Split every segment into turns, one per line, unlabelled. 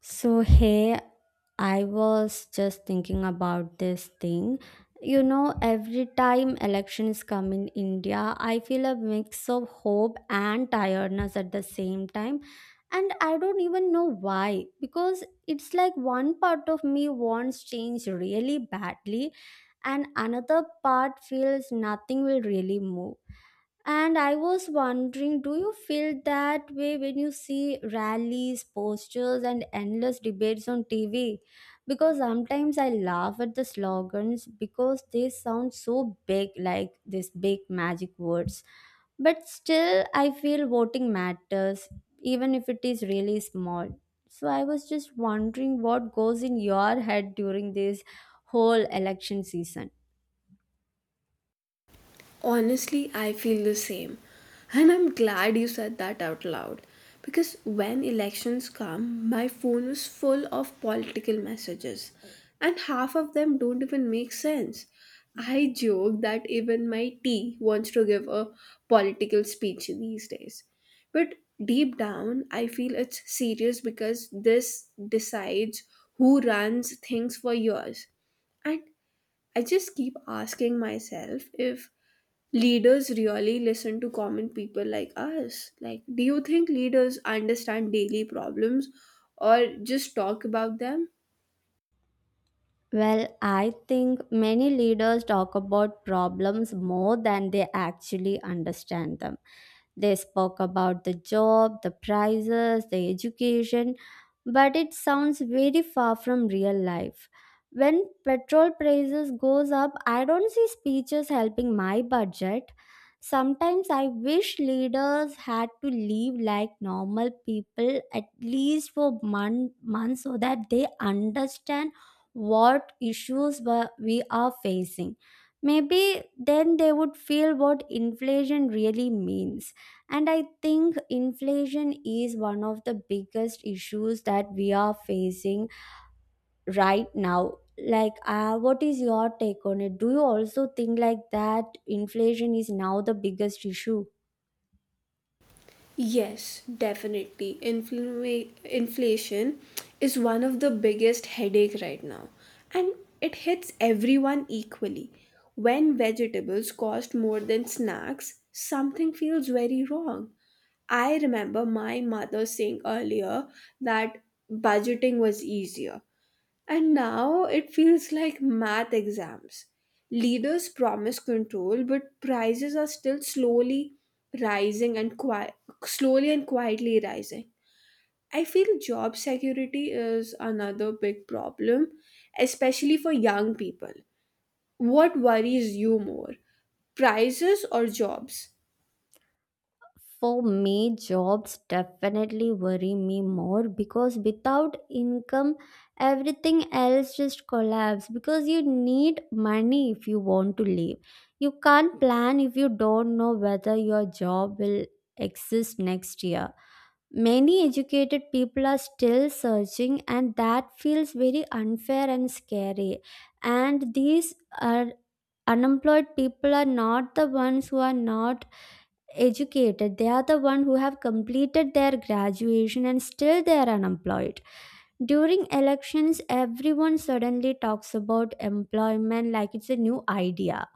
So, hey, I was just thinking about this thing. Every time election is come in India, I feel a mix of hope and tiredness at the same time. And I don't even know why, because it's like one part of me wants change really badly, and another part feels nothing will really move. And I was wondering, do you feel that way when you see rallies, posters, and endless debates on TV? Because sometimes I laugh at the slogans because they sound so big, like these big magic words. But still, I feel voting matters, even if it is really small. So I was just wondering what goes in your head during this whole election season.
Honestly, I feel the same. And I'm glad you said that out loud. Because when elections come, my phone is full of political messages. And half of them don't even make sense. I joke that even my tea wants to give a political speech these days. But deep down, I feel it's serious because this decides who runs things for years. And I just keep asking myself if leaders really listen to common people like us? Like, do you think leaders understand daily problems or just talk about them?
Well, I think many leaders talk about problems more than they actually understand them. They spoke about the job, the prices, the education, but it sounds very far from real life. When petrol prices goes up, I don't see speeches helping my budget. Sometimes I wish leaders had to live like normal people at least for months so that they understand what issues we are facing. Maybe then they would feel what inflation really means. And I think inflation is one of the biggest issues that we are facing right now. Like, what is your take on it? Do you also think like that inflation is now the biggest issue?
Yes, definitely. Inflation is one of the biggest headache right now, and it hits everyone equally. When vegetables cost more than snacks, something feels very wrong. I remember my mother saying earlier that budgeting was easier, and now it feels like math exams. Leaders promise control, but prices are still slowly rising and qui- slowly and quietly rising. I feel job security is another big problem, especially for young people. What worries you more, prices or jobs?
For me, jobs definitely worry me more because without income, everything else just collapse. Because you need money if you want to live. You can't plan if you don't know whether your job will exist next year. Many educated people are still searching, and that feels very unfair and scary. And these are unemployed people are not the ones who are not educated, they are the one who have completed their graduation and still they are unemployed. During elections, everyone suddenly talks about employment like it's a new idea.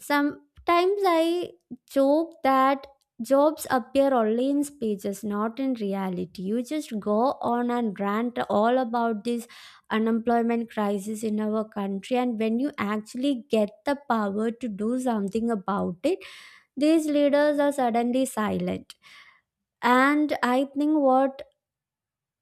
Sometimes I joke that jobs appear only in speeches, not in reality. You just go on and rant all about this unemployment crisis in our country, and when you actually get the power to do something about it, these leaders are suddenly silent. And I think what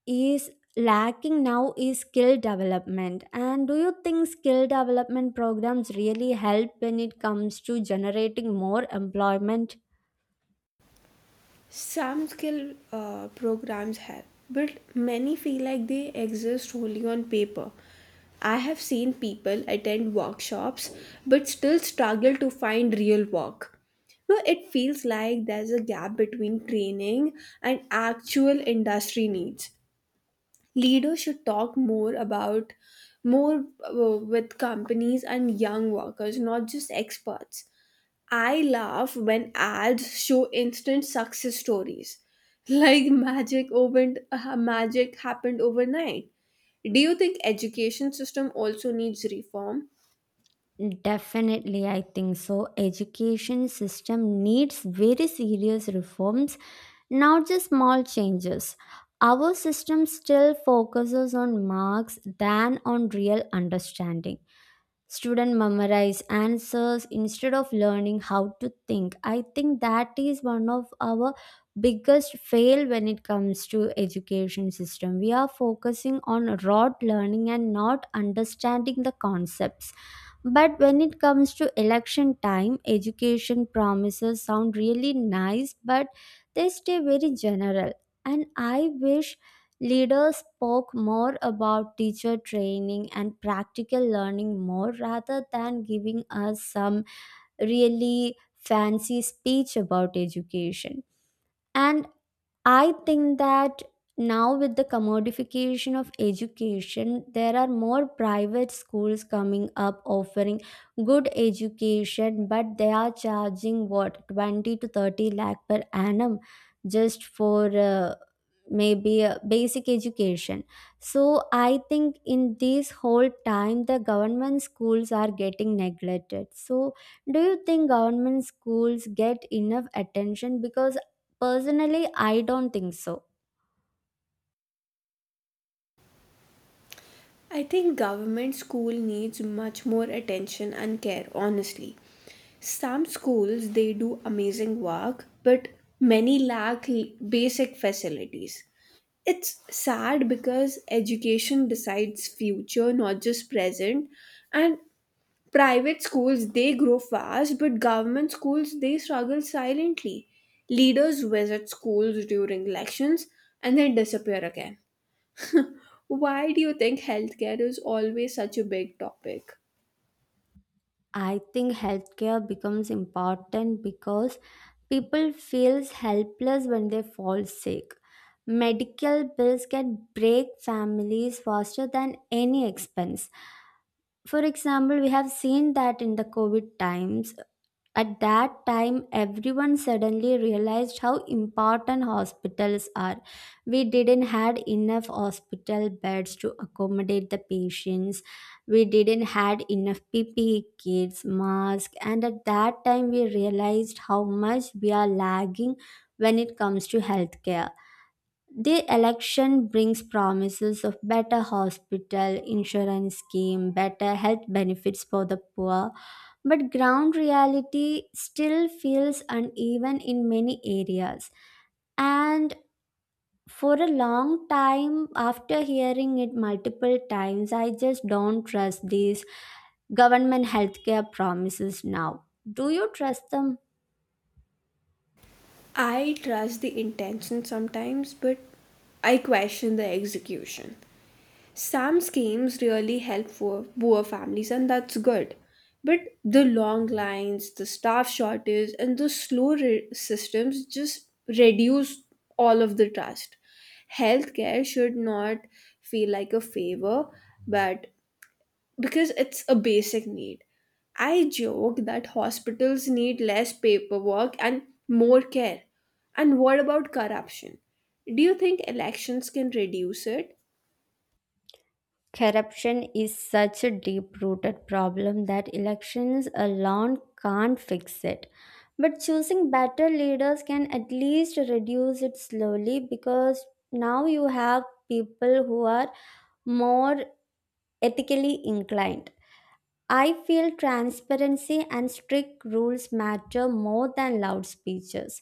is lacking now is skill development. And do you think skill development programs really help when it comes to generating more employment?
Some skill programs help, but many feel like they exist only on paper. I have seen people attend workshops but still struggle to find real work. No, it feels like there's a gap between training and actual industry needs. Leaders should talk more about more with companies and young workers, not just experts. I laugh when ads show instant success stories, like magic happened overnight. Do you think education system also needs reform?
Definitely, I think so. Education system needs very serious reforms, not just small changes. Our system still focuses on marks than on real understanding. Student memorize answers instead of learning how to think. I think that is one of our biggest fail when it comes to education system. We are focusing on rote learning and not understanding the concepts. But when it comes to election time, education promises sound really nice, but they stay very general. And I wish leaders spoke more about teacher training and practical learning more rather than giving us some really fancy speech about education. And I think that now, with the commodification of education, there are more private schools coming up offering good education, but they are charging what 20 to 30 lakh per annum just for maybe basic education. So, I think in this whole time, the government schools are getting neglected. So, do you think government schools get enough attention? Because personally, I don't think so.
I think government school needs much more attention and care, honestly. Some schools they do amazing work, but many lack basic facilities. It's sad because education decides future, not just present, and private schools they grow fast, but government schools they struggle silently. Leaders visit schools during elections and then disappear again. Why do you think healthcare is always such a big topic?
I think healthcare becomes important because people feels helpless when they fall sick. Medical bills can break families faster than any expense. For example, we have seen that in the COVID times. At that time, everyone suddenly realized how important hospitals are. We didn't had enough hospital beds to accommodate the patients. We didn't had enough PPE kits, masks, and at that time we realized how much we are lagging when it comes to healthcare. The election brings promises of better hospital, insurance scheme, better health benefits for the poor but ground reality still feels uneven in many areas. And for a long time, after hearing it multiple times, I just don't trust these government healthcare promises now. Do you trust them?
I trust the intention sometimes, but I question the execution. Some schemes really help poor families, and that's good. But the long lines, the staff shortage, and the slow systems just reduce all of the trust. Healthcare should not feel like a favor, but because it's a basic need. I joke that hospitals need less paperwork and more care. And what about corruption? Do you think elections can reduce it?
Corruption is such a deep rooted problem that elections alone can't fix it. But choosing better leaders can at least reduce it slowly because now you have people who are more ethically inclined. I feel transparency and strict rules matter more than loud speeches.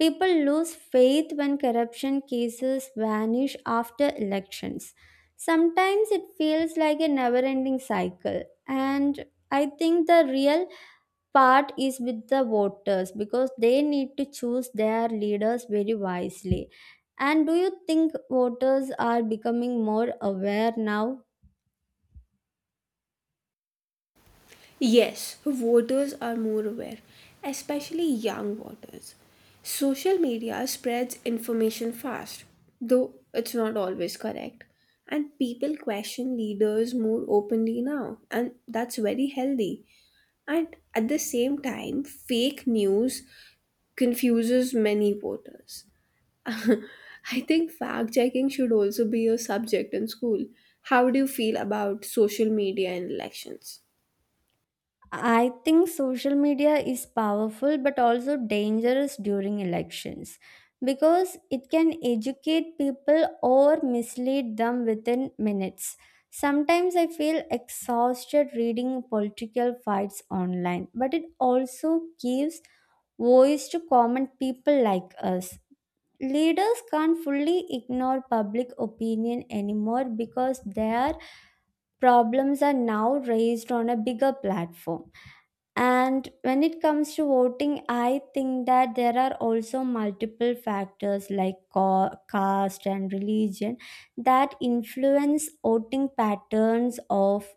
People lose faith when corruption cases vanish after elections. Sometimes it feels like a never ending cycle. And I think the real part is with the voters because they need to choose their leaders very wisely. And do you think voters are becoming more aware now?
Yes, voters are more aware, especially young voters. Social media spreads information fast, though it's not always correct. And people question leaders more openly now, and that's very healthy. And at the same time, fake news confuses many voters. I think fact checking should also be a subject in school. How do you feel about social media and elections?
I think social media is powerful but also dangerous during elections because it can educate people or mislead them within minutes. Sometimes I feel exhausted reading political fights online, but it also gives voice to common people like us. Leaders can't fully ignore public opinion anymore because their problems are now raised on a bigger platform. And when it comes to voting, I think that there are also multiple factors like caste and religion that influence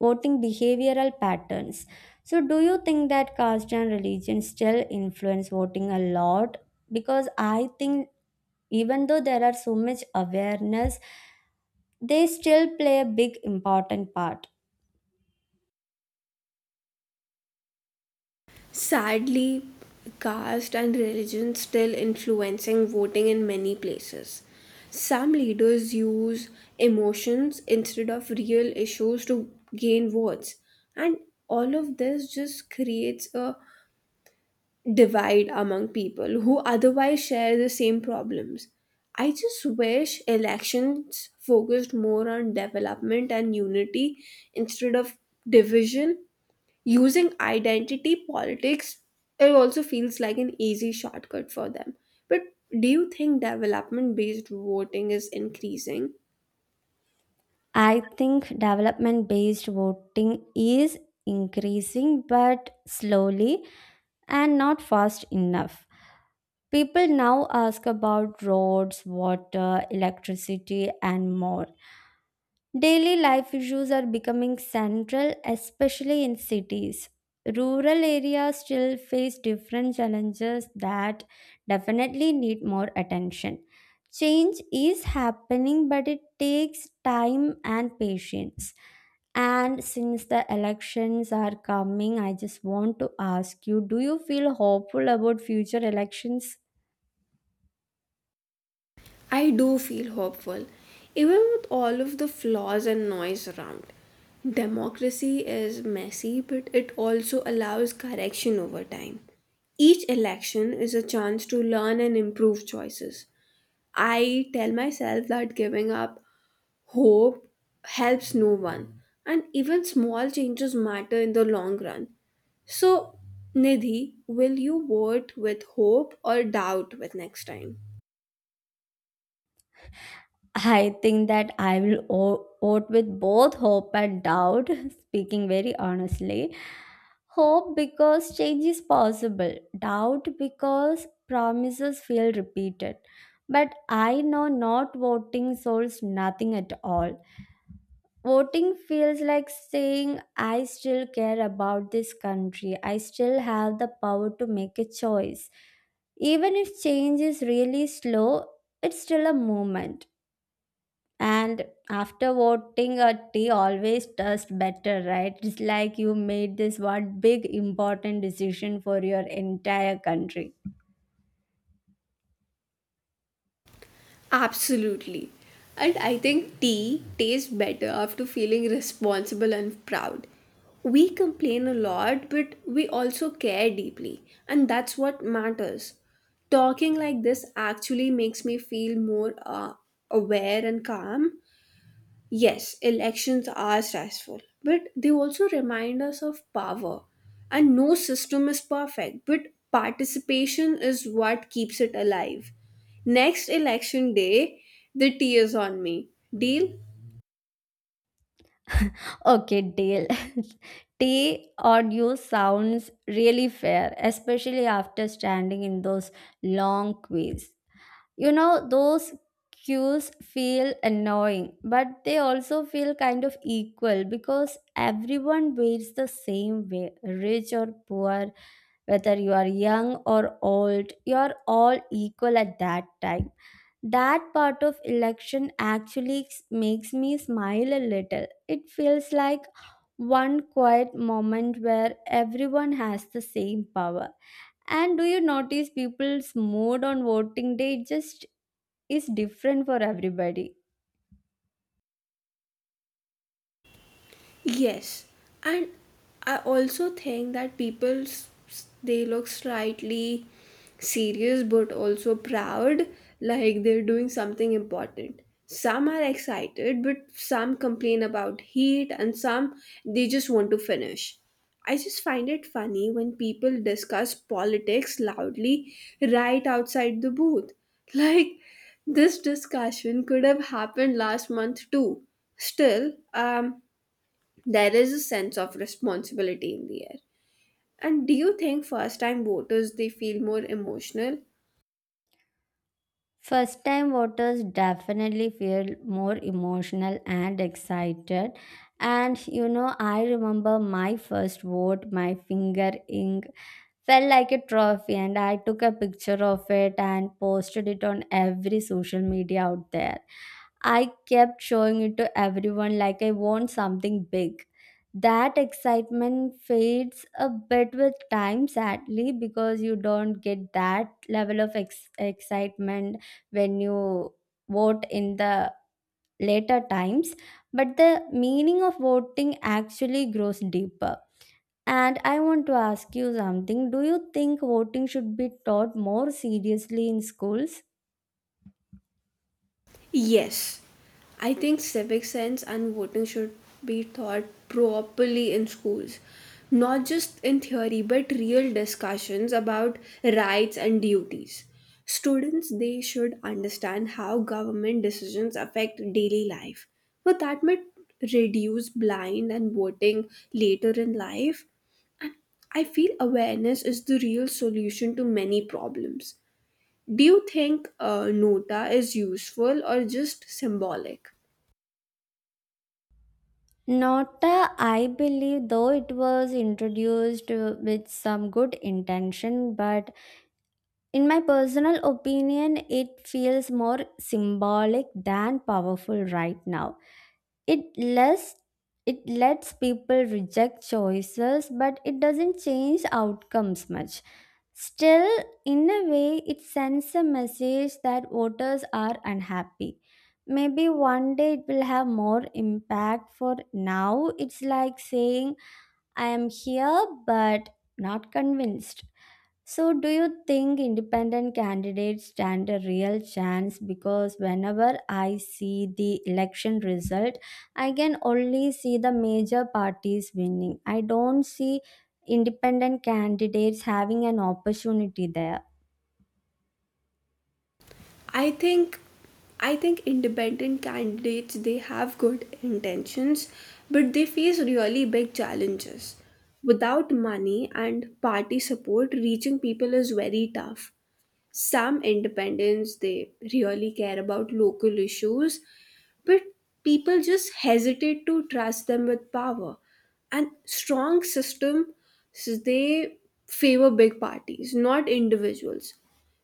voting behavioral patterns. So, do you think that caste and religion still influence voting a lot? Because I think even though there are so much awareness, they still play a big important part.
Sadly, caste and religion still influencing voting in many places. Some leaders use emotions instead of real issues to gain votes, and all of this just creates a divide among people who otherwise share the same problems. I just wish elections focused more on development and unity instead of division. Using identity politics, it also feels like an easy shortcut for them. But do you think development based voting is increasing?
I think development based voting is increasing, but slowly and not fast enough. People now ask about roads, water, electricity, and more. Daily life issues are becoming central, especially in cities. Rural areas still face different challenges that definitely need more attention. Change is happening, but it takes time and patience. And since the elections are coming, I just want to ask you, do you feel hopeful about future elections?
I do feel hopeful, even with all of the flaws and noise around. Democracy is messy, but it also allows correction over time. Each election is a chance to learn and improve choices. I tell myself that giving up hope helps no one, and even small changes matter in the long run. So, Nidhi, will you vote with hope or doubt with next time?
I think that I will vote with both hope and doubt, speaking very honestly. Hope because change is possible, doubt because promises feel repeated. But I know not voting solves nothing at all. Voting feels like saying, I still care about this country. I still have the power to make a choice. Even if change is really slow, it's still a movement. And after voting, a tea always tastes better, right? It's like you made this one big important decision for your entire country.
Absolutely. And I think tea tastes better after feeling responsible and proud. We complain a lot, but we also care deeply, and that's what matters. Talking like this actually makes me feel more aware and calm. Yes, elections are stressful, but they also remind us of power. And no system is perfect, but participation is what keeps it alive. Next election day, the tea is on me. Deal?
Okay, deal. Tea audio sounds really fair, especially after standing in those long queues. Those queues feel annoying, but they also feel kind of equal because everyone waits the same way, rich or poor, whether you are young or old, you are all equal at that time. That part of election actually makes me smile a little. It feels like one quiet moment where everyone has the same power. And do you notice people's mood on voting day just is different for everybody?
Yes, and I also think that people they look slightly serious but also proud, like they're doing something important. Some are excited, but some complain about heat, and some they just want to finish. I just find it funny when people discuss politics loudly right outside the booth. Like, this discussion could have happened last month too. Still, there is a sense of responsibility in the air. And do you think first time voters they feel more emotional?
First time voters definitely feel more emotional and excited. And I remember my first vote. My finger ink felt like a trophy, and I took a picture of it and posted it on every social media out there. I kept showing it to everyone like I want something big. That excitement fades a bit with time, sadly, because you don't get that level of excitement when you vote in the later times. But the meaning of voting actually grows deeper. And I want to ask you something. Do you think voting should be taught more seriously in schools?
Yes, I think civic sense and voting should be taught properly in schools, not just in theory but real discussions about rights and duties. Students they should understand how government decisions affect daily life. But that might reduce blind and voting later in life. And I feel awareness is the real solution to many problems. Do you think nota is useful or just symbolic?
Nota, I believe, though it was introduced with some good intention, but in my personal opinion, it feels more symbolic than powerful right now. It less it lets people reject choices, but it doesn't change outcomes much. Still, in a way, it sends a message that voters are unhappy. Maybe one day it will have more impact. For now, it's like saying, I am here but not convinced. So, do you think independent candidates stand a real chance? Because whenever I see the election result, I can only see the major parties winning. I don't see independent candidates having an opportunity there.
I think I think independent candidates they have good intentions, but they face really big challenges. Without money and party support, reaching people is very tough. Some independents they really care about local issues, but people just hesitate to trust them with power and strong system, so they favor big parties, not individuals.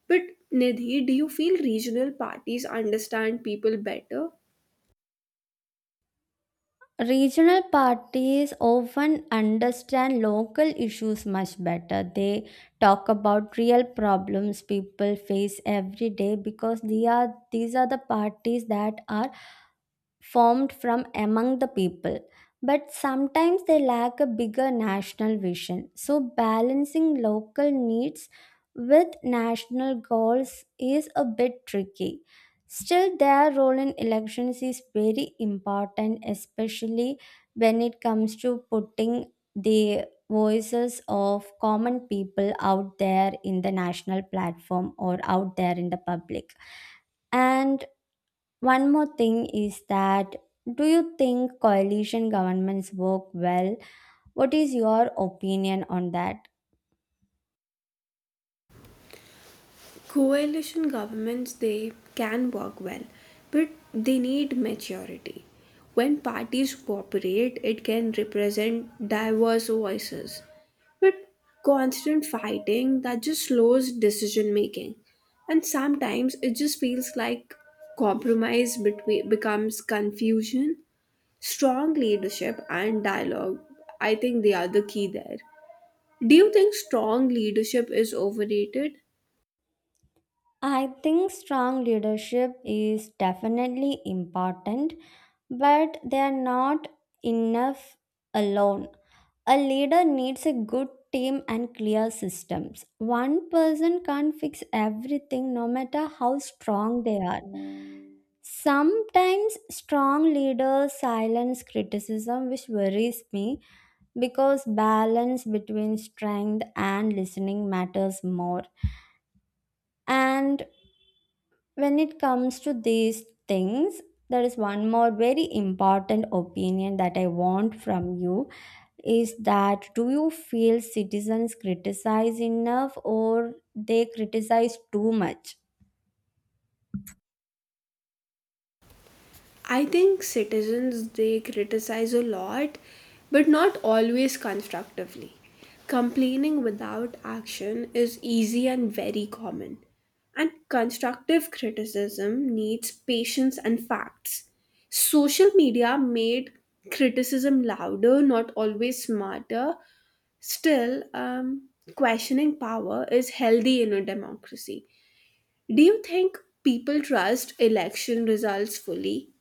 But Nidhi, do you feel regional parties understand people better?
Regional parties often understand local issues much better. They talk about real problems people face every day because they are these are the parties that are formed from among the people, but sometimes they lack a bigger national vision. So, balancing local needs with national goals is a bit tricky. Still, their role in elections is very important, especially when it comes to putting the voices of common people out there in the national platform or out there in the public. And one more thing is that do you think coalition governments work well? What is your opinion on that?
Coalition governments they can work well, but they need maturity. When parties cooperate, it can represent diverse voices, but constant fighting that just slows decision making. And sometimes it just feels like compromise between becomes confusion. Strong leadership and dialogue, I think they are the key there. Do you think strong leadership is overrated?
I think strong leadership is definitely important, but they are not enough alone. A leader needs a good team and clear systems. One person can't fix everything no matter how strong they are. Sometimes strong leaders silence criticism, which worries me because balance between strength and listening matters more. And when it comes to these things, there is one more very important opinion that I want from you is that do you feel citizens criticize enough or they criticize too much?
I think citizens they criticize a lot, but not always constructively. Complaining without action is easy and very common. And constructive criticism needs patience and facts. Social media made criticism louder, not always smarter. Still, questioning power is healthy in a democracy. Do you think people trust election results fully?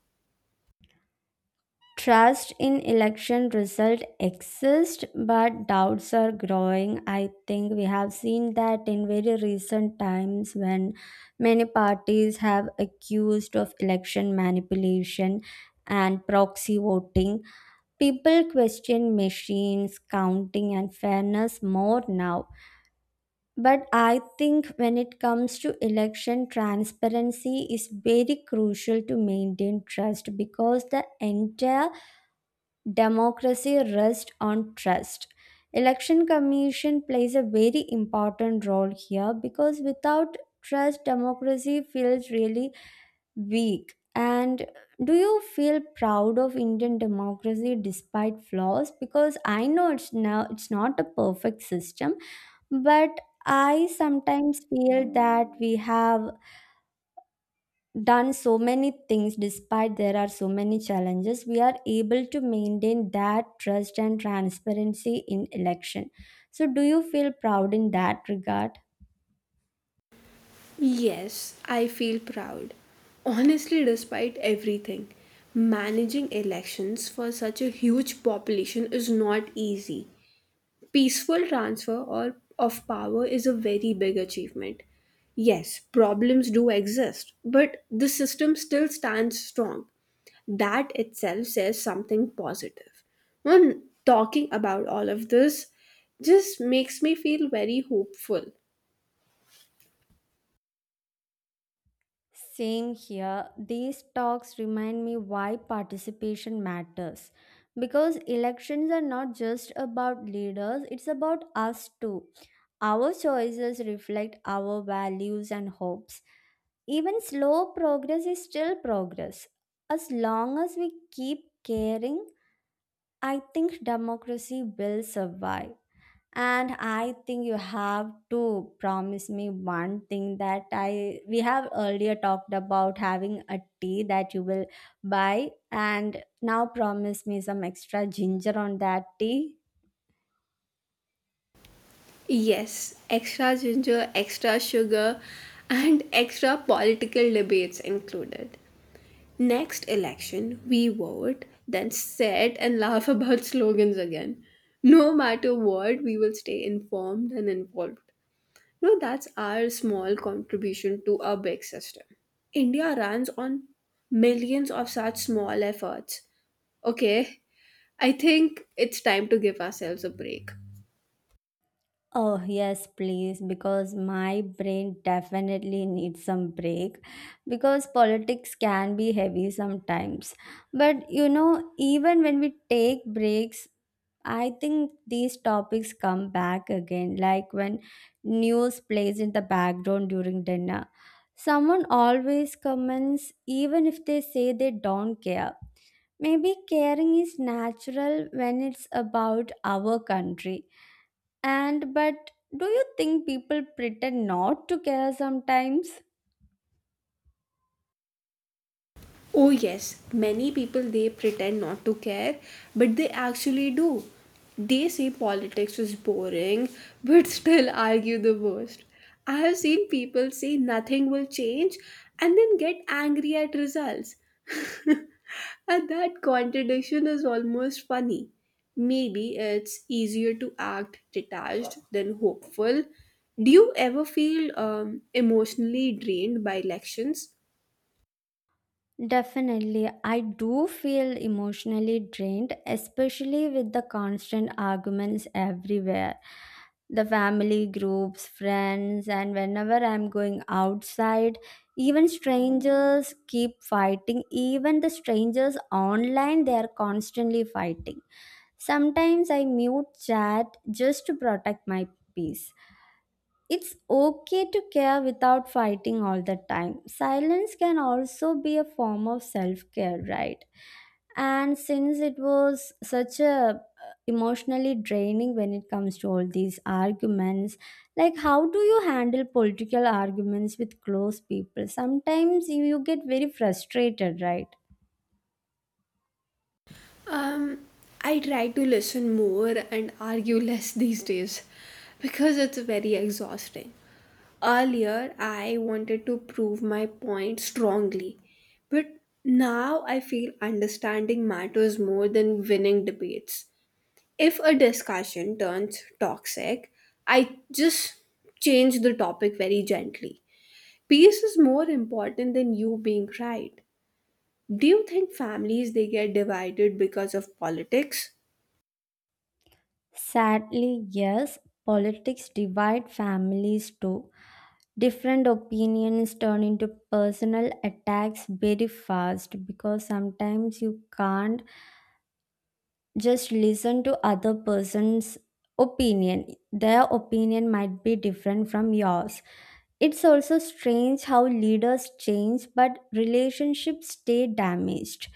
Trust in election result exists, but doubts are growing. I think we have seen that in very recent times when many parties have accused of election manipulation and proxy voting. People question machines, counting, and fairness more now. But I think when it comes to election, transparency is very crucial to maintain trust because the entire democracy rests on trust. Election Commission plays a very important role here because without trust, democracy feels really weak. And do you feel proud of Indian democracy despite flaws? Because I know it's not a perfect system, but I sometimes feel that we have done so many things despite there are so many challenges we are able to maintain that trust and transparency in election, so do you feel proud in that regard?
Yes, I feel proud. Honestly, despite everything, managing elections for such a huge population is not easy. Peaceful transfer or of power is a very big achievement. Yes, problems do exist, but the system still stands strong. That itself says something positive. When talking about all of this just makes me feel very hopeful.
Same here, these talks remind me why participation matters because elections are not just about leaders, it's about us too. Our choices reflect our values and hopes. Even slow progress is still progress. As long as we keep caring, I think democracy will survive. And I think you have to promise me one thing that I we have earlier talked about having a tea that you will buy, and now promise me some extra ginger on that tea.
Yes, extra ginger, extra sugar, and extra political debates included. Next election, we vote, then sit and laugh about slogans again. No matter what, we will stay informed and involved. No, that's our small contribution to our big system. India runs on millions of such small efforts. Okay, I think it's time to give ourselves a break.
Oh, yes, please, because my brain definitely needs some break because politics can be heavy sometimes. But you know, even when we take breaks, I think these topics come back again, like when news plays in the background during dinner. Someone always comments, even if they say they don't care. Maybe caring is natural when it's about our country, and but do you think people pretend not to care sometimes?
Oh, yes, many people they pretend not to care, but they actually do. They say politics is boring, but still argue the most. I have seen people say nothing will change and then get angry at results. And that contradiction is almost funny. Maybe it's easier to act detached than hopeful. Do you ever feel emotionally drained by elections?
Definitely, I do feel emotionally drained, especially with the constant arguments everywhere. The family groups, friends, and whenever I'm going outside, even strangers keep fighting. Even the strangers online, they are constantly fighting. Sometimes I mute chat just to protect my peace. It's okay to care without fighting all the time. Silence can also be a form of self-care, right? And since it was such a emotionally draining when it comes to all these arguments, like how do you handle political arguments with close people? Sometimes you get very frustrated, right?
Um, I try to listen more and argue less these days because it's very exhausting. Earlier, I wanted to prove my point strongly, but now I feel understanding matters more than winning debates. If a discussion turns toxic, I just change the topic very gently. Peace is more important than you being right. Do you think families they get divided because of politics?
Sadly, yes, politics divide families too, different opinions turn into personal attacks very fast because sometimes you can't just listen to other person's opinion. Their opinion might be different from yours. It's also strange how leaders change but relationships stay damaged.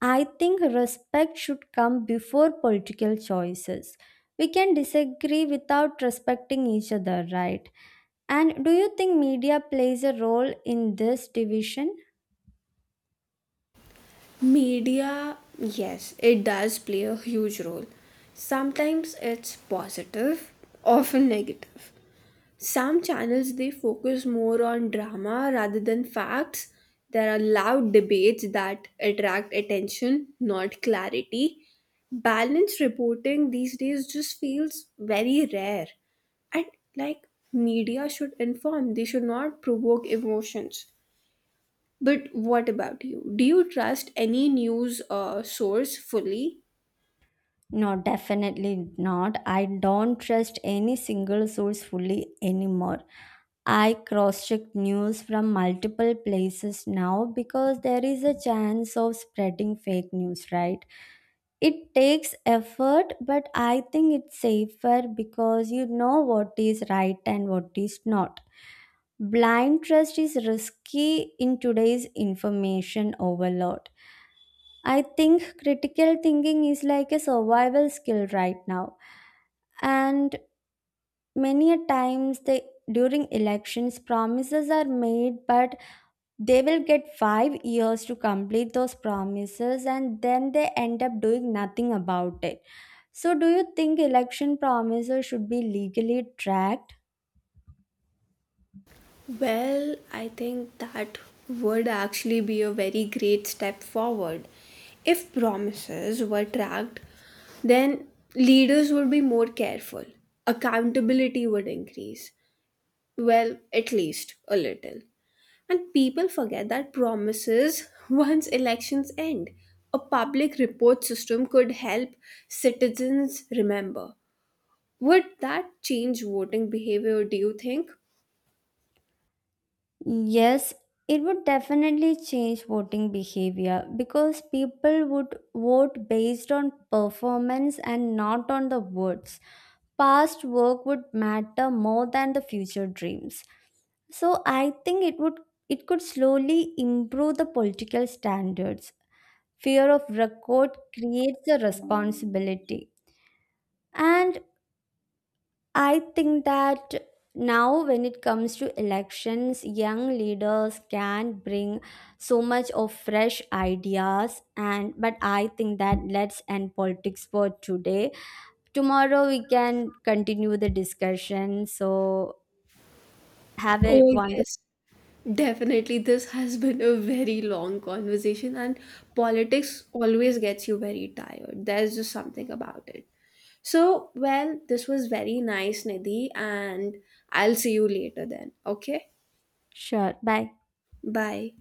I think respect should come before political choices. We can disagree without respecting each other, right? And do you think media plays a role in this division?
Media, yes, it does play a huge role. Sometimes it's positive, often negative. Some channels they focus more on drama rather than facts. There are loud debates that attract attention, not clarity. Balanced reporting these days just feels very rare. And like media should inform, they should not provoke emotions. But what about you? Do you trust any news source fully?
No, definitely not. I don't trust any single source fully anymore. I cross check news from multiple places now because there is a chance of spreading fake news, right? It takes effort, but I think it's safer because you know what is right and what is not. Blind trust is risky in today's information overload. I think critical thinking is like a survival skill right now. And many a times they during elections promises are made but they will get 5 years to complete those promises and then they end up doing nothing about it. So do you think election promises should be legally tracked?
Well, I think that would actually be a very great step forward. If promises were tracked, then leaders would be more careful. Accountability would increase. Well, at least a little. And people forget that promises once elections end. A public report system could help citizens remember. Would that change voting behavior, do you think?
Yes, it would definitely change voting behavior because people would vote based on performance and not on the words. Past work would matter more than the future dreams. So I think it would it could slowly improve the political standards. Fear of record creates a responsibility. And I think that now, when it comes to elections, young leaders can bring so much of fresh ideas, and but I think that let's end politics for today. Tomorrow we can continue the discussion. So have a
Oh,
wonderful
yes. Definitely, this has been a very long conversation, and politics always gets you very tired. There's just something about it. So, well, this was very nice, Nidhi, and I'll see you later then. Okay?
sure. Bye.
Bye.